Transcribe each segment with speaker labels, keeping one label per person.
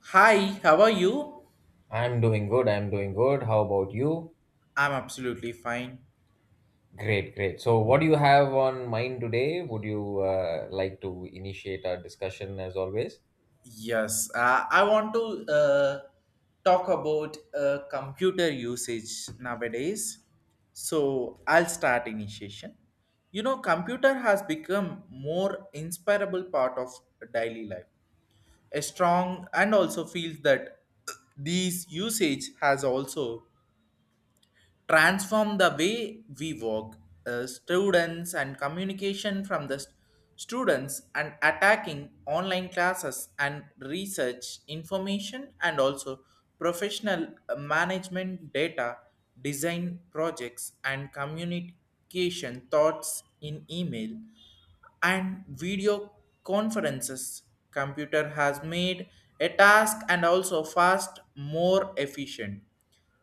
Speaker 1: Hi, how are you?
Speaker 2: I'm doing good. I'm doing good. How about you?
Speaker 1: I'm absolutely fine.
Speaker 2: Great, great. So, what do you have on mind today? Would you like to initiate our discussion as always?
Speaker 1: Yes, I want to talk about computer usage nowadays. So I'll start initiation. You know, computer has become more inspirable part of daily life. A strong and also feels that these usage has also transform the way we work, students and communication from students and attacking online classes and research information and also professional management data design projects and communication thoughts in email and video conferences. Computer has made a task and also fast more efficient.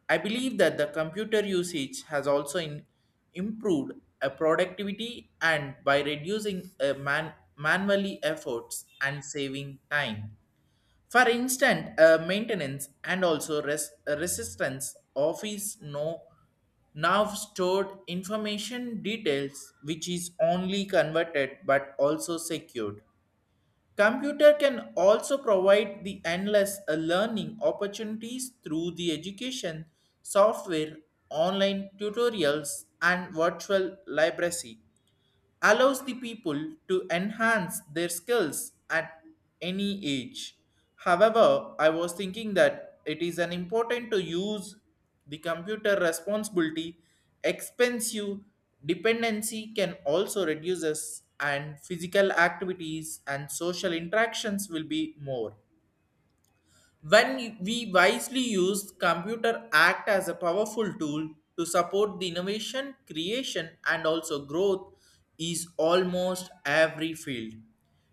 Speaker 1: I believe that the computer usage has also improved a productivity and by reducing manually efforts and saving time. For instant maintenance and also resistance, office no now stored information details which is only converted but also secured. Computer can also provide the endless learning opportunities through the education, software, online tutorials, and virtual library allows the people to enhance their skills at any age. However, I was thinking that it is an important to use the computer responsibility, expensive dependency can also reduces and physical activities and social interactions will be more. When we wisely use computer act as a powerful tool to support the innovation, creation and also growth is almost every field.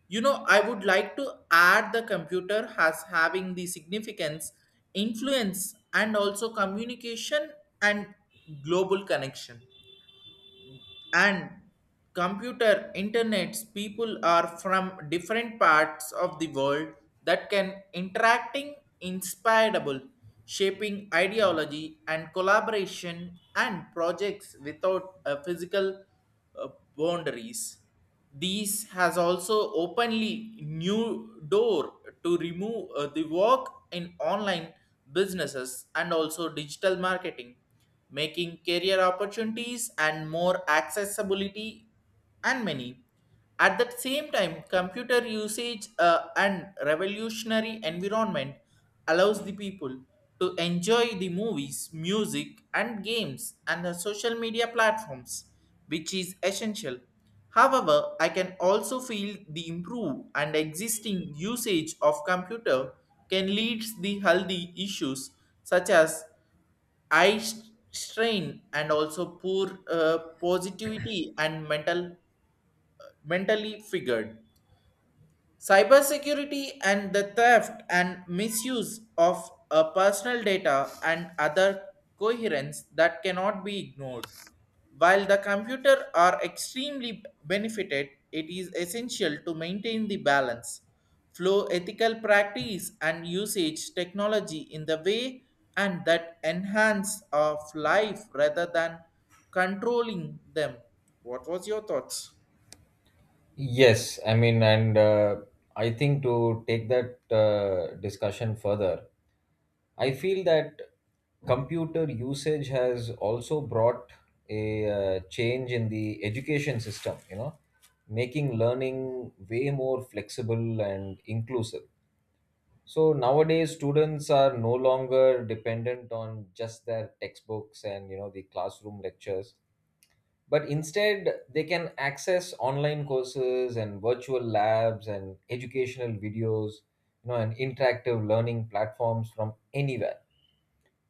Speaker 1: You know, I would like to add the computer as having the significance, influence and also communication and global connection and computer internets people are from different parts of the world that can interacting inspirable shaping ideology and collaboration and projects without a physical uh, boundaries. These has also openly new door to remove the work in online businesses and also digital marketing, making career opportunities and more accessibility and many. At the same time, computer usage and revolutionary environment allows the people to enjoy the movies, music, and games and the social media platforms, which is essential. However, I can also feel the improve and existing usage of computer can lead the healthy issues such as eye strain and also poor positivity and mentally figured. Cybersecurity and the theft and misuse of personal data and other coherence that cannot be ignored. While the computer are extremely benefited, it is essential to maintain the balance, flow ethical practice and usage technology in the way and that enhance of life rather than controlling them. What was your thoughts?
Speaker 2: Yes, I mean, and I think to take that discussion further, I feel that computer usage has also brought a change in the education system, you know, making learning way more flexible and inclusive. So nowadays, students are no longer dependent on just their textbooks and, you know, the classroom lectures, but instead they can access online courses and virtual labs and educational videos, you know, and interactive learning platforms from anywhere.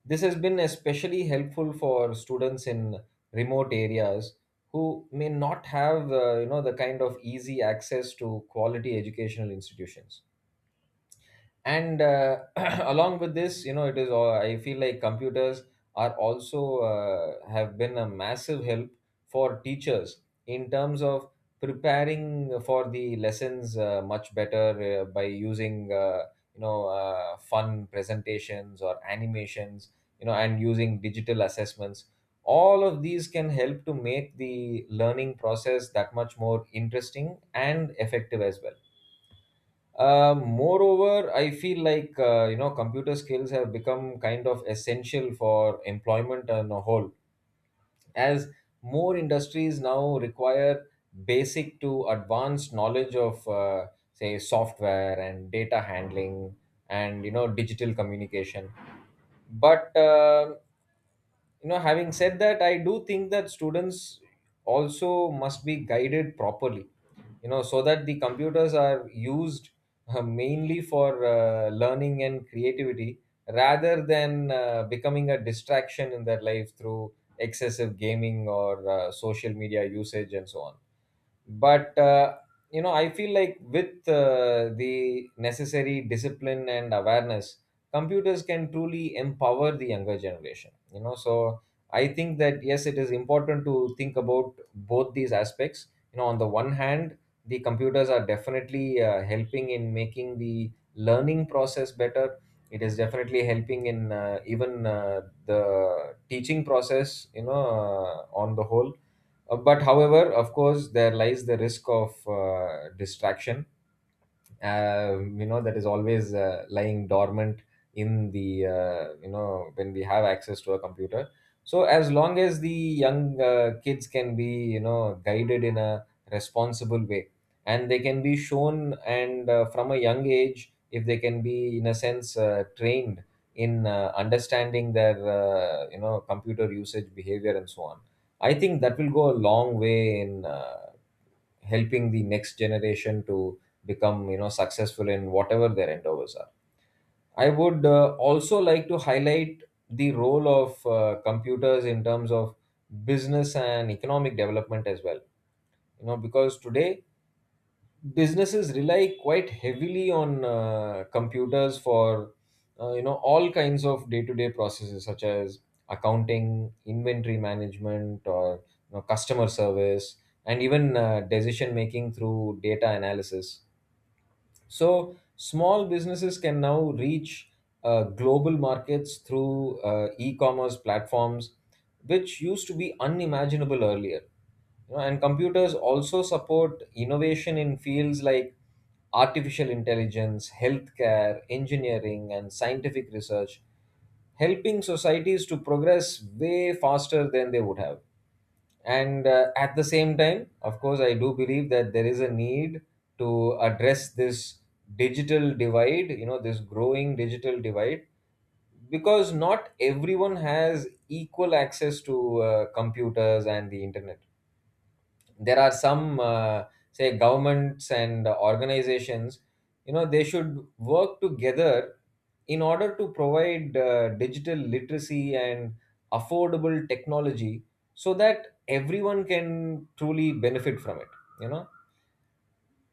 Speaker 2: This has been especially helpful for students in remote areas who may not have, you know, the kind of easy access to quality educational institutions and along with this, you know, it is all, I feel like computers are also have been a massive help for teachers in terms of preparing for the lessons much better by using, you know, fun presentations or animations, you know, and using digital assessments. All of these can help to make the learning process that much more interesting and effective as well. Moreover, I feel like, you know, computer skills have become kind of essential for employment on a whole, as more industries now require basic to advanced knowledge of, say, software and data handling and, you know, digital communication. But you know, having said that, I do think that students also must be guided properly, you know, so that the computers are used mainly for learning and creativity rather than becoming a distraction in their life through excessive gaming or social media usage and so on. But you know, I feel like with the necessary discipline and awareness, computers can truly empower the younger generation, you know. So I think that yes, it is important to think about both these aspects. You know, on the one hand, the computers are definitely helping in making the learning process better. It is definitely helping in, even, the teaching process, you know, on the whole. But however, of course, there lies the risk of distraction. You know, that is always lying dormant in the, you know, when we have access to a computer. So as long as the young kids can be, you know, guided in a responsible way, and they can be shown, and from a young age, if they can be in a sense trained in understanding their, you know, computer usage behavior and so on, I think that will go a long way in helping the next generation to become, you know, successful in whatever their endeavors are. I would also like to highlight the role of computers in terms of business and economic development as well, you know, because today businesses rely quite heavily on computers for, you know, all kinds of day-to-day processes such as accounting, inventory management, or, you know, customer service, and even decision making through data analysis. So small businesses can now reach global markets through e-commerce platforms, which used to be unimaginable earlier. You know, and computers also support innovation in fields like artificial intelligence, healthcare, engineering, and scientific research, helping societies to progress way faster than they would have. And at the same time, of course, I do believe that there is a need to address this digital divide, you know, this growing digital divide, because not everyone has equal access to computers and the internet. There are some, say, governments and organizations, you know, they should work together in order to provide digital literacy and affordable technology so that everyone can truly benefit from it, you know.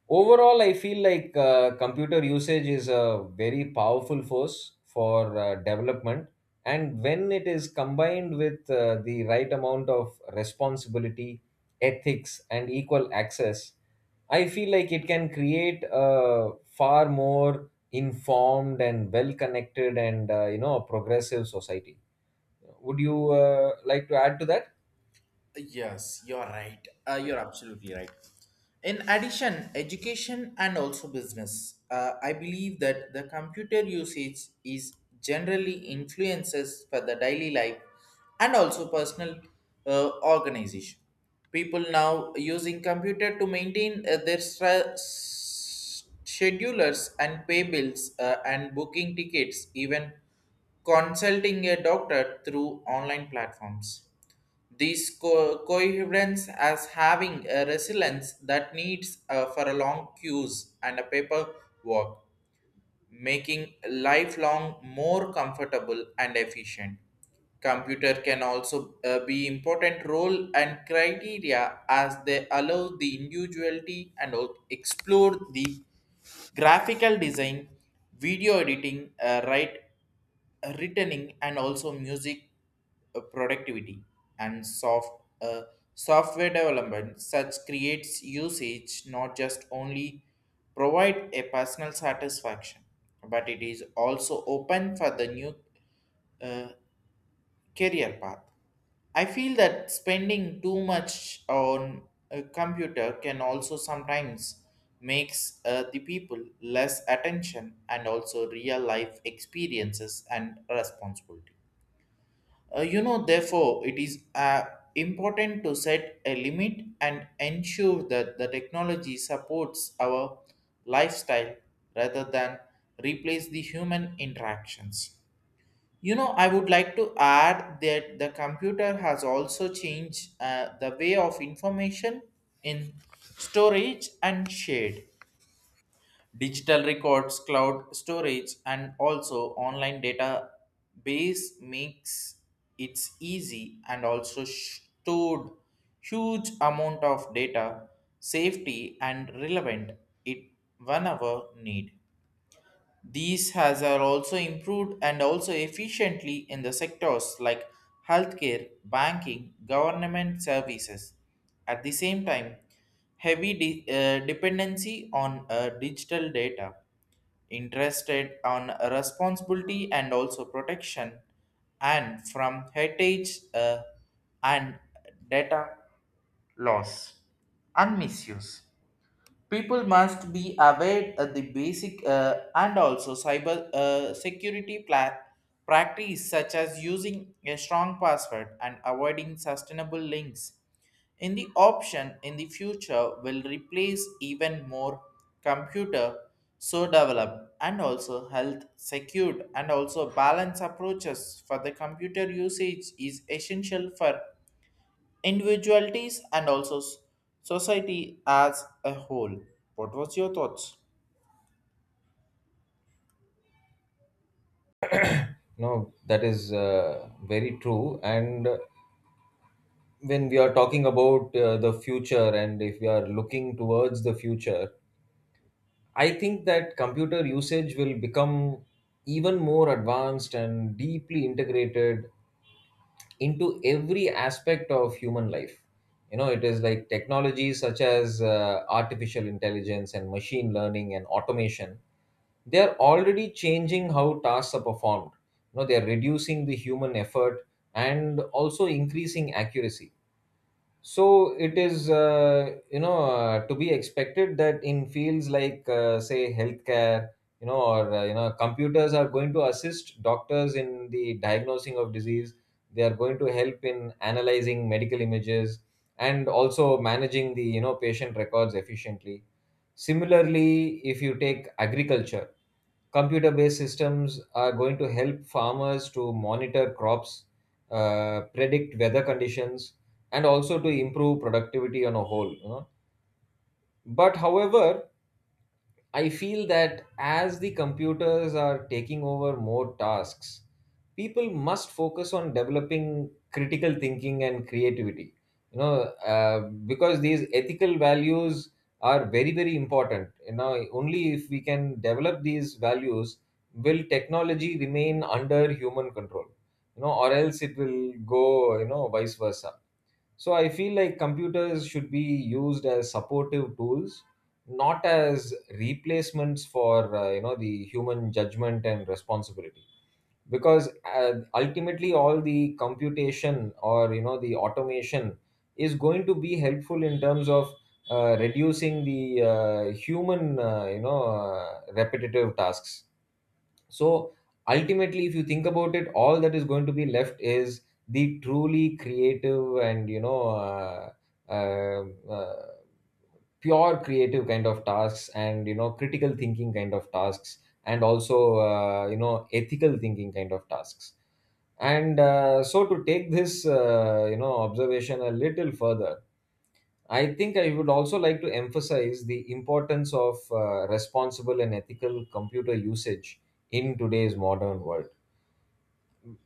Speaker 2: Overall, I feel like computer usage is a very powerful force for development, and when it is combined with the right amount of responsibility, ethics, and equal access, I feel like it can create a far more informed and well connected and, you know, a progressive society. Would you like to add to that?
Speaker 1: Yes, you're right. You're absolutely right. In addition, education and also business. I believe that the computer usage is generally influences for the daily life and also personal organization. People now using computer to maintain their schedulers and pay bills and booking tickets, even consulting a doctor through online platforms these coherence as having a resilience that needs for a long queues and a paper walk, making lifelong more comfortable and efficient. Computer can also be important role and criteria as they allow the individuality and explore the graphical design, video editing, right returning and also music productivity and uh, software development such creates usage not just only provide a personal satisfaction but it is also open for the new uh, career path. I feel that spending too much on a computer can also sometimes makes the people less attention and also real life experiences and responsibility. Therefore, it is important to set a limit and ensure that the technology supports our lifestyle rather than replace the human interactions. You know, I would like to add that the computer has also changed the way of information in storage and shared. Digital records, cloud storage, and also online database makes it easy and also stored huge amount of data, safety and relevant it whenever need. These has are also improved and also efficiently in the sectors like healthcare, banking, government services. At the same time, heavy dependency on digital data, interested on responsibility and also protection, and from heritage and data loss and misuse people must be aware of the basic and also cyber security practice such as using a strong password and avoiding sustainable links in the option in the future will replace even more computer so developed and also health secured and also balanced approaches for the computer usage is essential for individualities and also society as a whole. What was your thoughts?
Speaker 2: No, that is very true. And when we are talking about the future, and if we are looking towards the future, I think that computer usage will become even more advanced and deeply integrated into every aspect of human life. You know, it is like technologies such as artificial intelligence and machine learning and automation. They are already changing how tasks are performed. You know, they are reducing the human effort and also increasing accuracy. So it is, you know, to be expected that in fields like, say, healthcare, you know, or, you know, computers are going to assist doctors in the diagnosing of disease. They are going to help in analyzing medical images and also managing the, you know, patient records efficiently. Similarly, if you take agriculture, computer based systems are going to help farmers to monitor crops, predict weather conditions, and also to improve productivity on a whole, you know. But however, I feel that as the computers are taking over more tasks, people must focus on developing critical thinking and creativity. You know, because these ethical values are very, very important. You know, only if we can develop these values will technology remain under human control. You know, or else it will go, you know, vice versa. So I feel like computers should be used as supportive tools, not as replacements for, you know, the human judgment and responsibility. Because ultimately, all the computation or, you know, the automation is going to be helpful in terms of reducing the human, you know, repetitive tasks. So ultimately, if you think about it, all that is going to be left is the truly creative and, you know, uh, uh, pure creative kind of tasks and, you know, critical thinking kind of tasks, and also, you know, ethical thinking kind of tasks. And So to take this, you know, observation a little further, I think I would also like to emphasize the importance of responsible and ethical computer usage in today's modern world.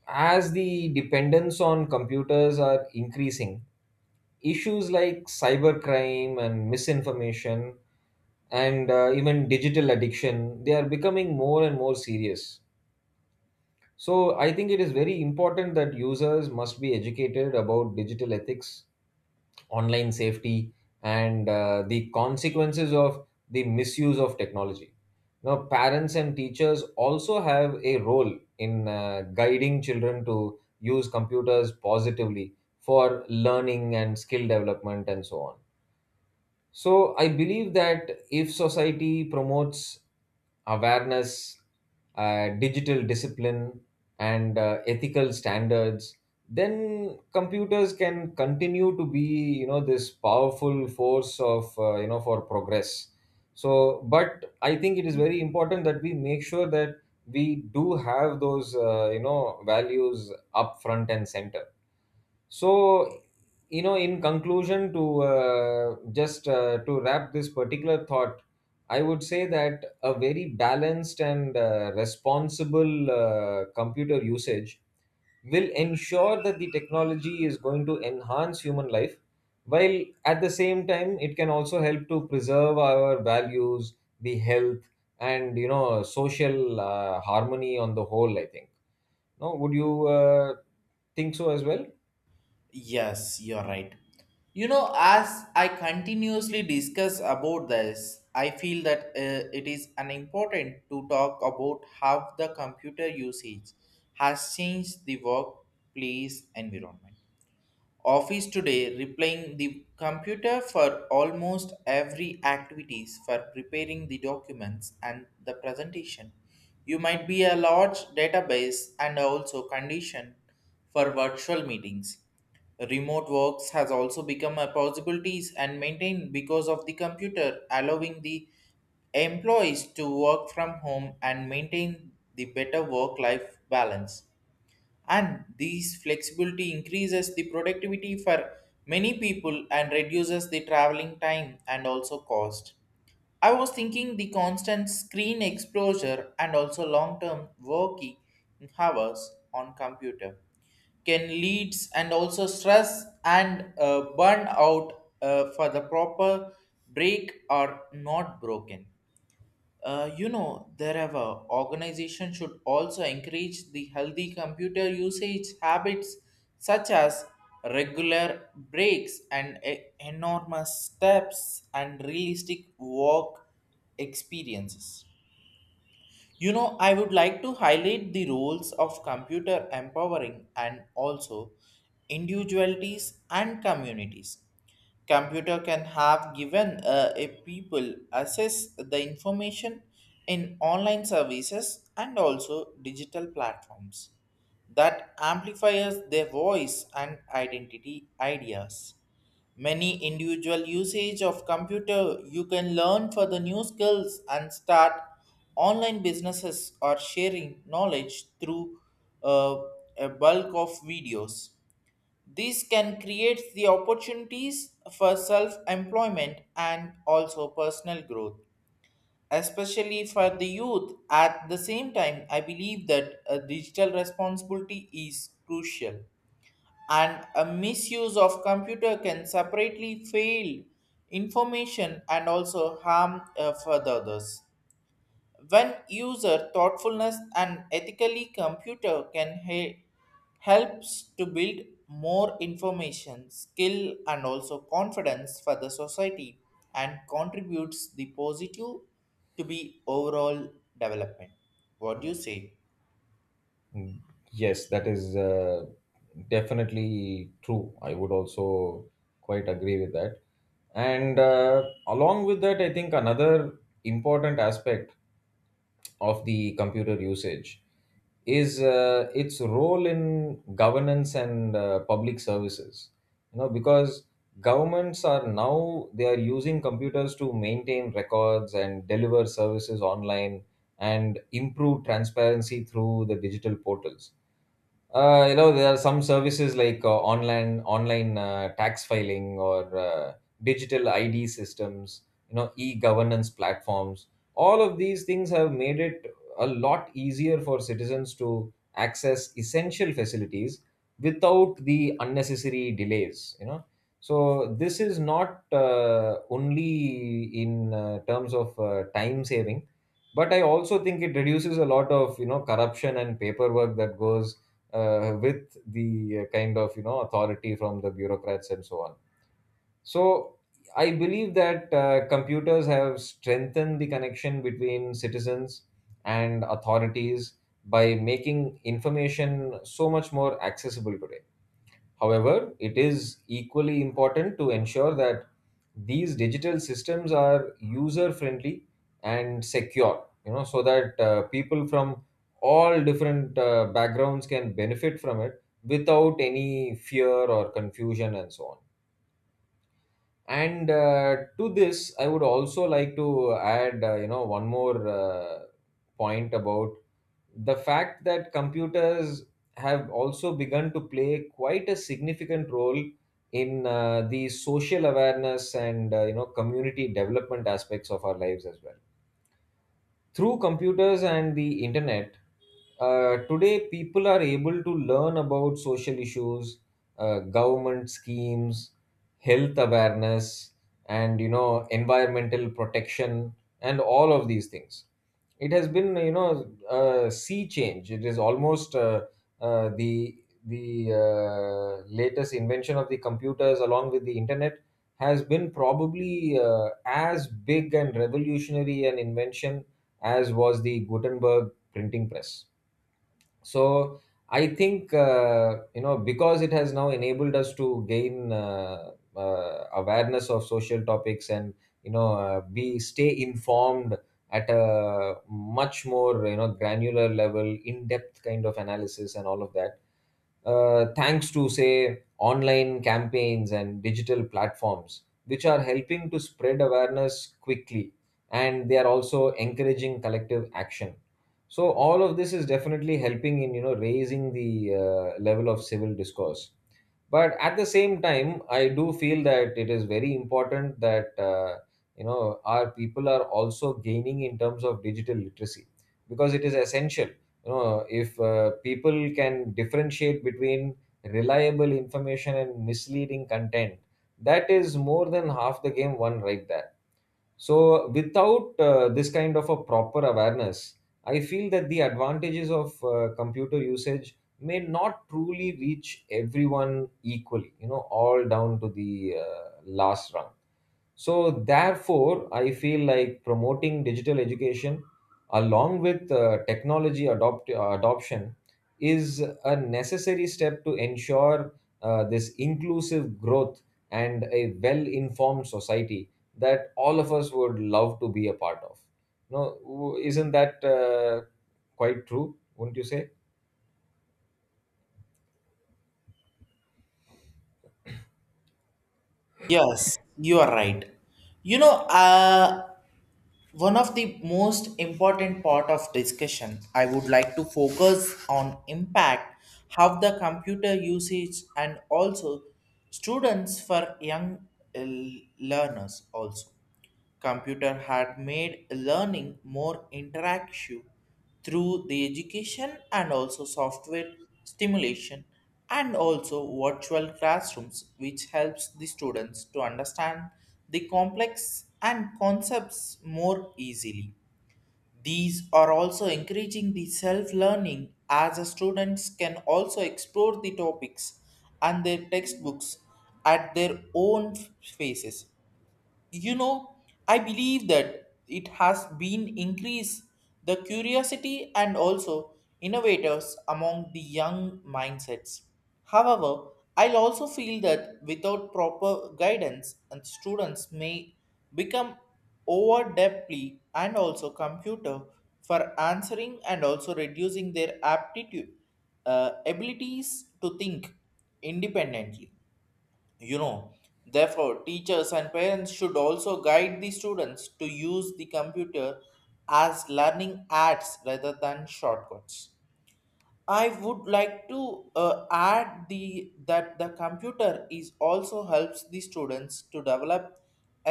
Speaker 2: As the dependence on computers are increasing, issues like cybercrime and misinformation and even digital addiction, they are becoming more and more serious. So I think it is very important that users must be educated about digital ethics, online safety, and the consequences of the misuse of technology. Now, parents and teachers also have a role in guiding children to use computers positively for learning and skill development and so on. So I believe that if society promotes awareness, digital discipline, and ethical standards, then computers can continue to be, you know, this powerful force of, you know, for progress. So, but I think it is very important that we make sure that we do have those, you know, values up front and center. So, you know, in conclusion, to just to wrap this particular thought, I would say that a very balanced and responsible computer usage will ensure that the technology is going to enhance human life, while at the same time it can also help to preserve our values, the health, and, you know, social harmony on the whole, I think. No, would you think so as well?
Speaker 1: Yes, you're right. You know, as I continuously discuss about this, I feel that it is an important to talk about how the computer usage has changed the workplace environment. Office today replying the computer for almost every activities for preparing the documents and the presentation you might be a large database and also condition for virtual meetings remote works has also become a possibilities and maintained because of the computer allowing the employees to work from home and maintain the better work life balance and these flexibility increases the productivity for many people and reduces the traveling time and also cost. I was thinking the constant screen exposure and also long term working hours on computer can leads and also stress and burnout for the proper break are not broken. Therever organization should also encourage the healthy computer usage habits such as regular breaks and enormous steps and realistic work experiences. You know, I would like to highlight the roles of computer empowering and also individualities and communities. Computer can have given a people access the information in online services and also digital platforms that amplifies their voice and identity ideas. Many individual usage of computer you can learn for the new skills and start online businesses or sharing knowledge through uh, a bulk of videos. This can create the opportunities for self-employment and also personal growth especially for the youth. At the same time, I believe that a digital responsibility is crucial and a misuse of computer can separately fail information and also harm further others when user thoughtfulness and ethically computer can helps to build more information skill and also confidence for the society and contributes the positive to be overall development. What do you say?
Speaker 2: Mm, yes, that is definitely true. I would also quite agree with that. And along with that, I think another important aspect of the computer usage is its role in governance and public services. You know, because governments are now, they are using computers to maintain records and deliver services online and improve transparency through the digital portals. You know, there are some services like, online tax filing, or, digital ID systems, you know, e-governance platforms. All of these things have made it a lot easier for citizens to access essential facilities without the unnecessary delays, you know. So this is not only in terms of time saving, but I also think it reduces a lot of, you know, corruption and paperwork that goes with the kind of authority from the bureaucrats and so on, so I believe that computers have strengthened the connection between citizens and authorities by making information so much more accessible today. However, it is equally important to ensure that these digital systems are user friendly and secure, you know, so that people from all different backgrounds can benefit from it without any fear or confusion and so on. And to this I would also like to add, you know, one more point about the fact that computers have also begun to play quite a significant role in the social awareness and, you know, community development aspects of our lives as well. Through computers and the internet, today people are able to learn about social issues, government schemes, health awareness, and, you know, environmental protection, and all of these things. It has been, you know, a sea change. It is almost uh, the the latest invention of the computers along with the internet has been probably as big and revolutionary an invention as was the Gutenberg printing press. So I think, you know, because it has now enabled us to gain awareness of social topics and, you know, be stay informed at a much more, you know, granular level, in depth kind of analysis and all of that, thanks to say online campaigns and digital platforms which are helping to spread awareness quickly, and they are also encouraging collective action. So all of this is definitely helping in, you know, raising the level of civil discourse. But at the same time, I do feel that it is very important that, you know, our people are also gaining in terms of digital literacy, because it is essential, you know, if people can differentiate between reliable information and misleading content, that is more than half the game won right there. So, without this kind of a proper awareness, I feel that the advantages of computer usage may not truly reach everyone equally, you know, all down to the last rung. So, therefore, I feel like promoting digital education along with adoption is a necessary step to ensure this inclusive growth and a well informed society that all of us would love to be a part of. No, isn't that quite true? Wouldn't you say?
Speaker 1: Yes, you are right. You know, uh, One of the most important part of discussion I would like to focus on impact how the computer usage and also students for young uh, learners also computer had made learning more interactive through the education and also software stimulation and also virtual classrooms which helps the students to understand the complex and concepts more easily. These are also encouraging the self learning as the students can also explore the topics and their textbooks at their own paces. You know, I believe that it has been increased the curiosity and also innovators among the young mindsets. However, I'll also feel that without proper guidance and students may become over deeply and also computer for answering and also reducing their aptitude abilities to think independently. You know, therefore teachers and parents should also guide the students to use the computer as learning aids rather than shortcuts. I would like to add the that the computer is also helps the students to develop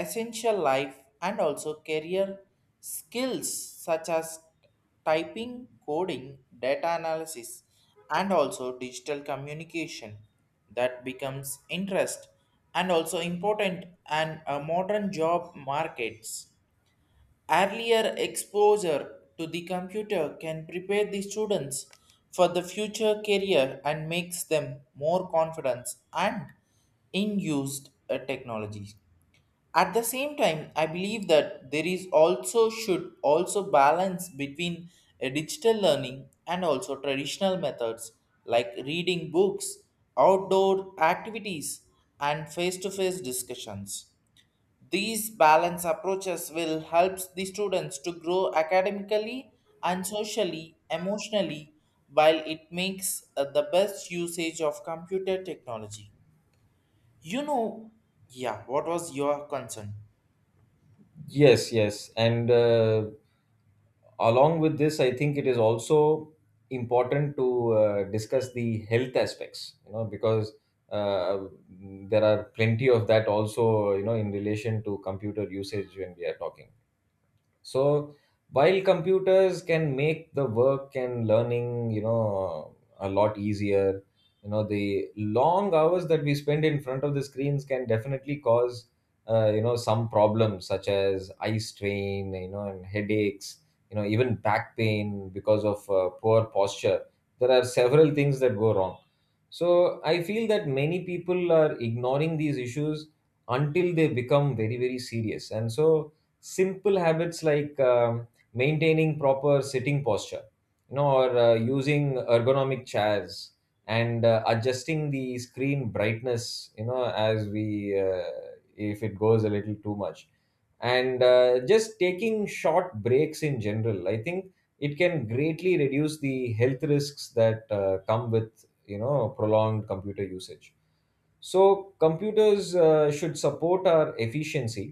Speaker 1: essential life and also career skills such as typing, coding, data analysis, and also digital communication that becomes interest and also important and a modern job markets. Earlier exposure to the computer can prepare the students for the future career and makes them more confident and in used technology. At the same time, I believe that there is also should also balance between digital learning and also traditional methods like reading books, outdoor activities, and face-to-face discussions. These balance approaches will help the students to grow academically and socially, emotionally, while it makes the best usage of computer technology. You know, yeah, what was your concern?
Speaker 2: Yes, yes. And along with this, I think it is also important to discuss the health aspects, you know, because uh, there are plenty of that also, you know, in relation to computer usage when we are talking. So while computers can make the work and learning, you know, a lot easier, you know the long hours that we spend in front of the screens can definitely cause, you know, some problems such as eye strain, you know, and headaches, you know, even back pain because of poor posture. There are several things that go wrong. So I feel that many people are ignoring these issues until they become very very serious. And so, simple habits like maintaining proper sitting posture, you know, or using ergonomic chairs and adjusting the screen brightness, you know, as we, if it goes a little too much, and just taking short breaks in general, I think it can greatly reduce the health risks that come with, you know, prolonged computer usage. So computers should support our efficiency,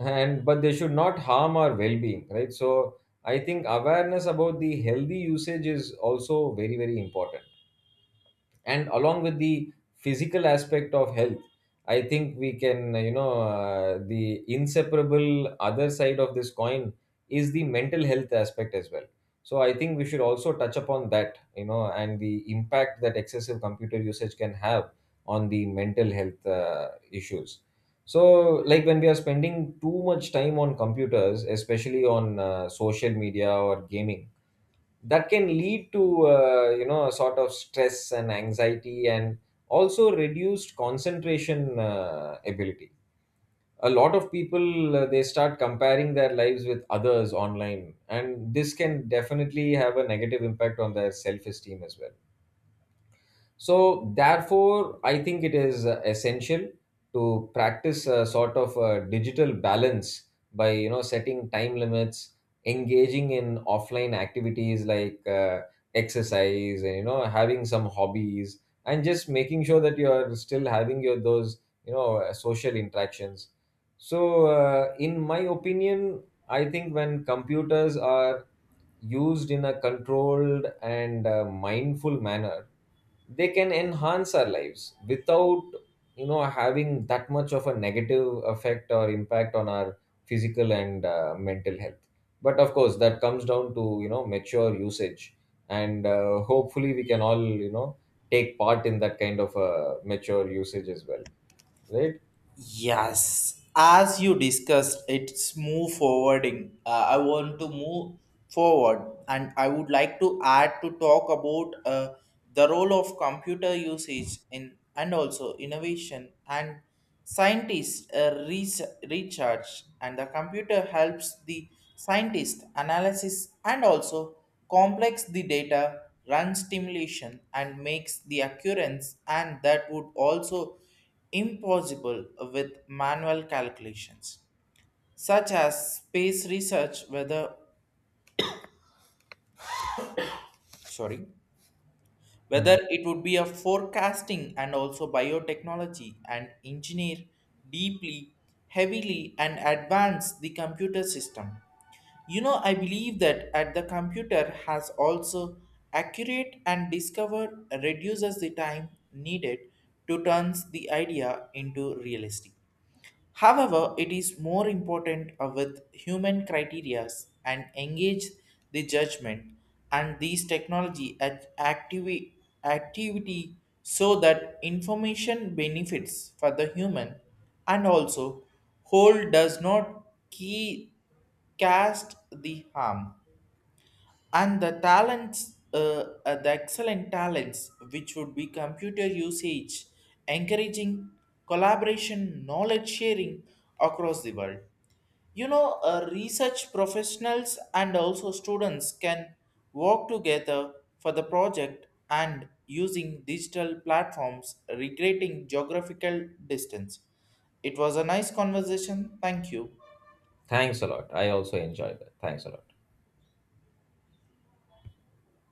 Speaker 2: and but they should not harm our well-being, right? So I think awareness about the healthy usage is also very very important. And along with the physical aspect of health, I think we can, you know, the inseparable other side of this coin is the mental health aspect as well. So I think we should also touch upon that, you know, and the impact that excessive computer usage can have on the mental health issues. So, like when we are spending too much time on computers, especially on social media or gaming, that can lead to, you know, a sort of stress and anxiety, and also reduced concentration ability. A lot of people, they start comparing their lives with others online, and this can definitely have a negative impact on their self esteem as well. So, therefore, I think it is essential to practice a sort of a digital balance by, you know, setting time limits, engaging in offline activities like, exercise, and, you know, having some hobbies, and just making sure that you are still having your those, you know, social interactions. So, in my opinion, I think when computers are used in a controlled and mindful manner, they can enhance our lives without, you know, having that much of a negative effect or impact on our physical and mental health. But of course that comes down to, you know, mature usage. And hopefully we can all, you know, take part in that kind of mature usage as well, right?
Speaker 1: Yes, as you discussed, it's move forwarding. I want to move forward, and I would like to add to talk about the role of computer usage in and also innovation and scientists recharge and the computer helps the scientist analysis and also complex the data run stimulation and makes the occurrence and that would also impossible with manual calculations such as space research whether sorry whether
Speaker 2: Mhm.
Speaker 1: it would be a forecasting and also biotechnology and engineer deeply heavily and advance the computer system. You know, I believe that at the computer has also accurate and discover reduces the time needed to turns the idea into realistic. However, it is more important with human criterias and engage the judgment and these technology at activity so that information benefits for the human and also whole does not key cast the harm and the talents the excellent talents which would be computer usage encouraging collaboration knowledge sharing across the world. You know research professionals and also students can work together for the project and using digital platforms recreating geographical distance. It was a nice conversation, thank you.
Speaker 2: Thanks a lot, I also enjoy that. Thanks a lot.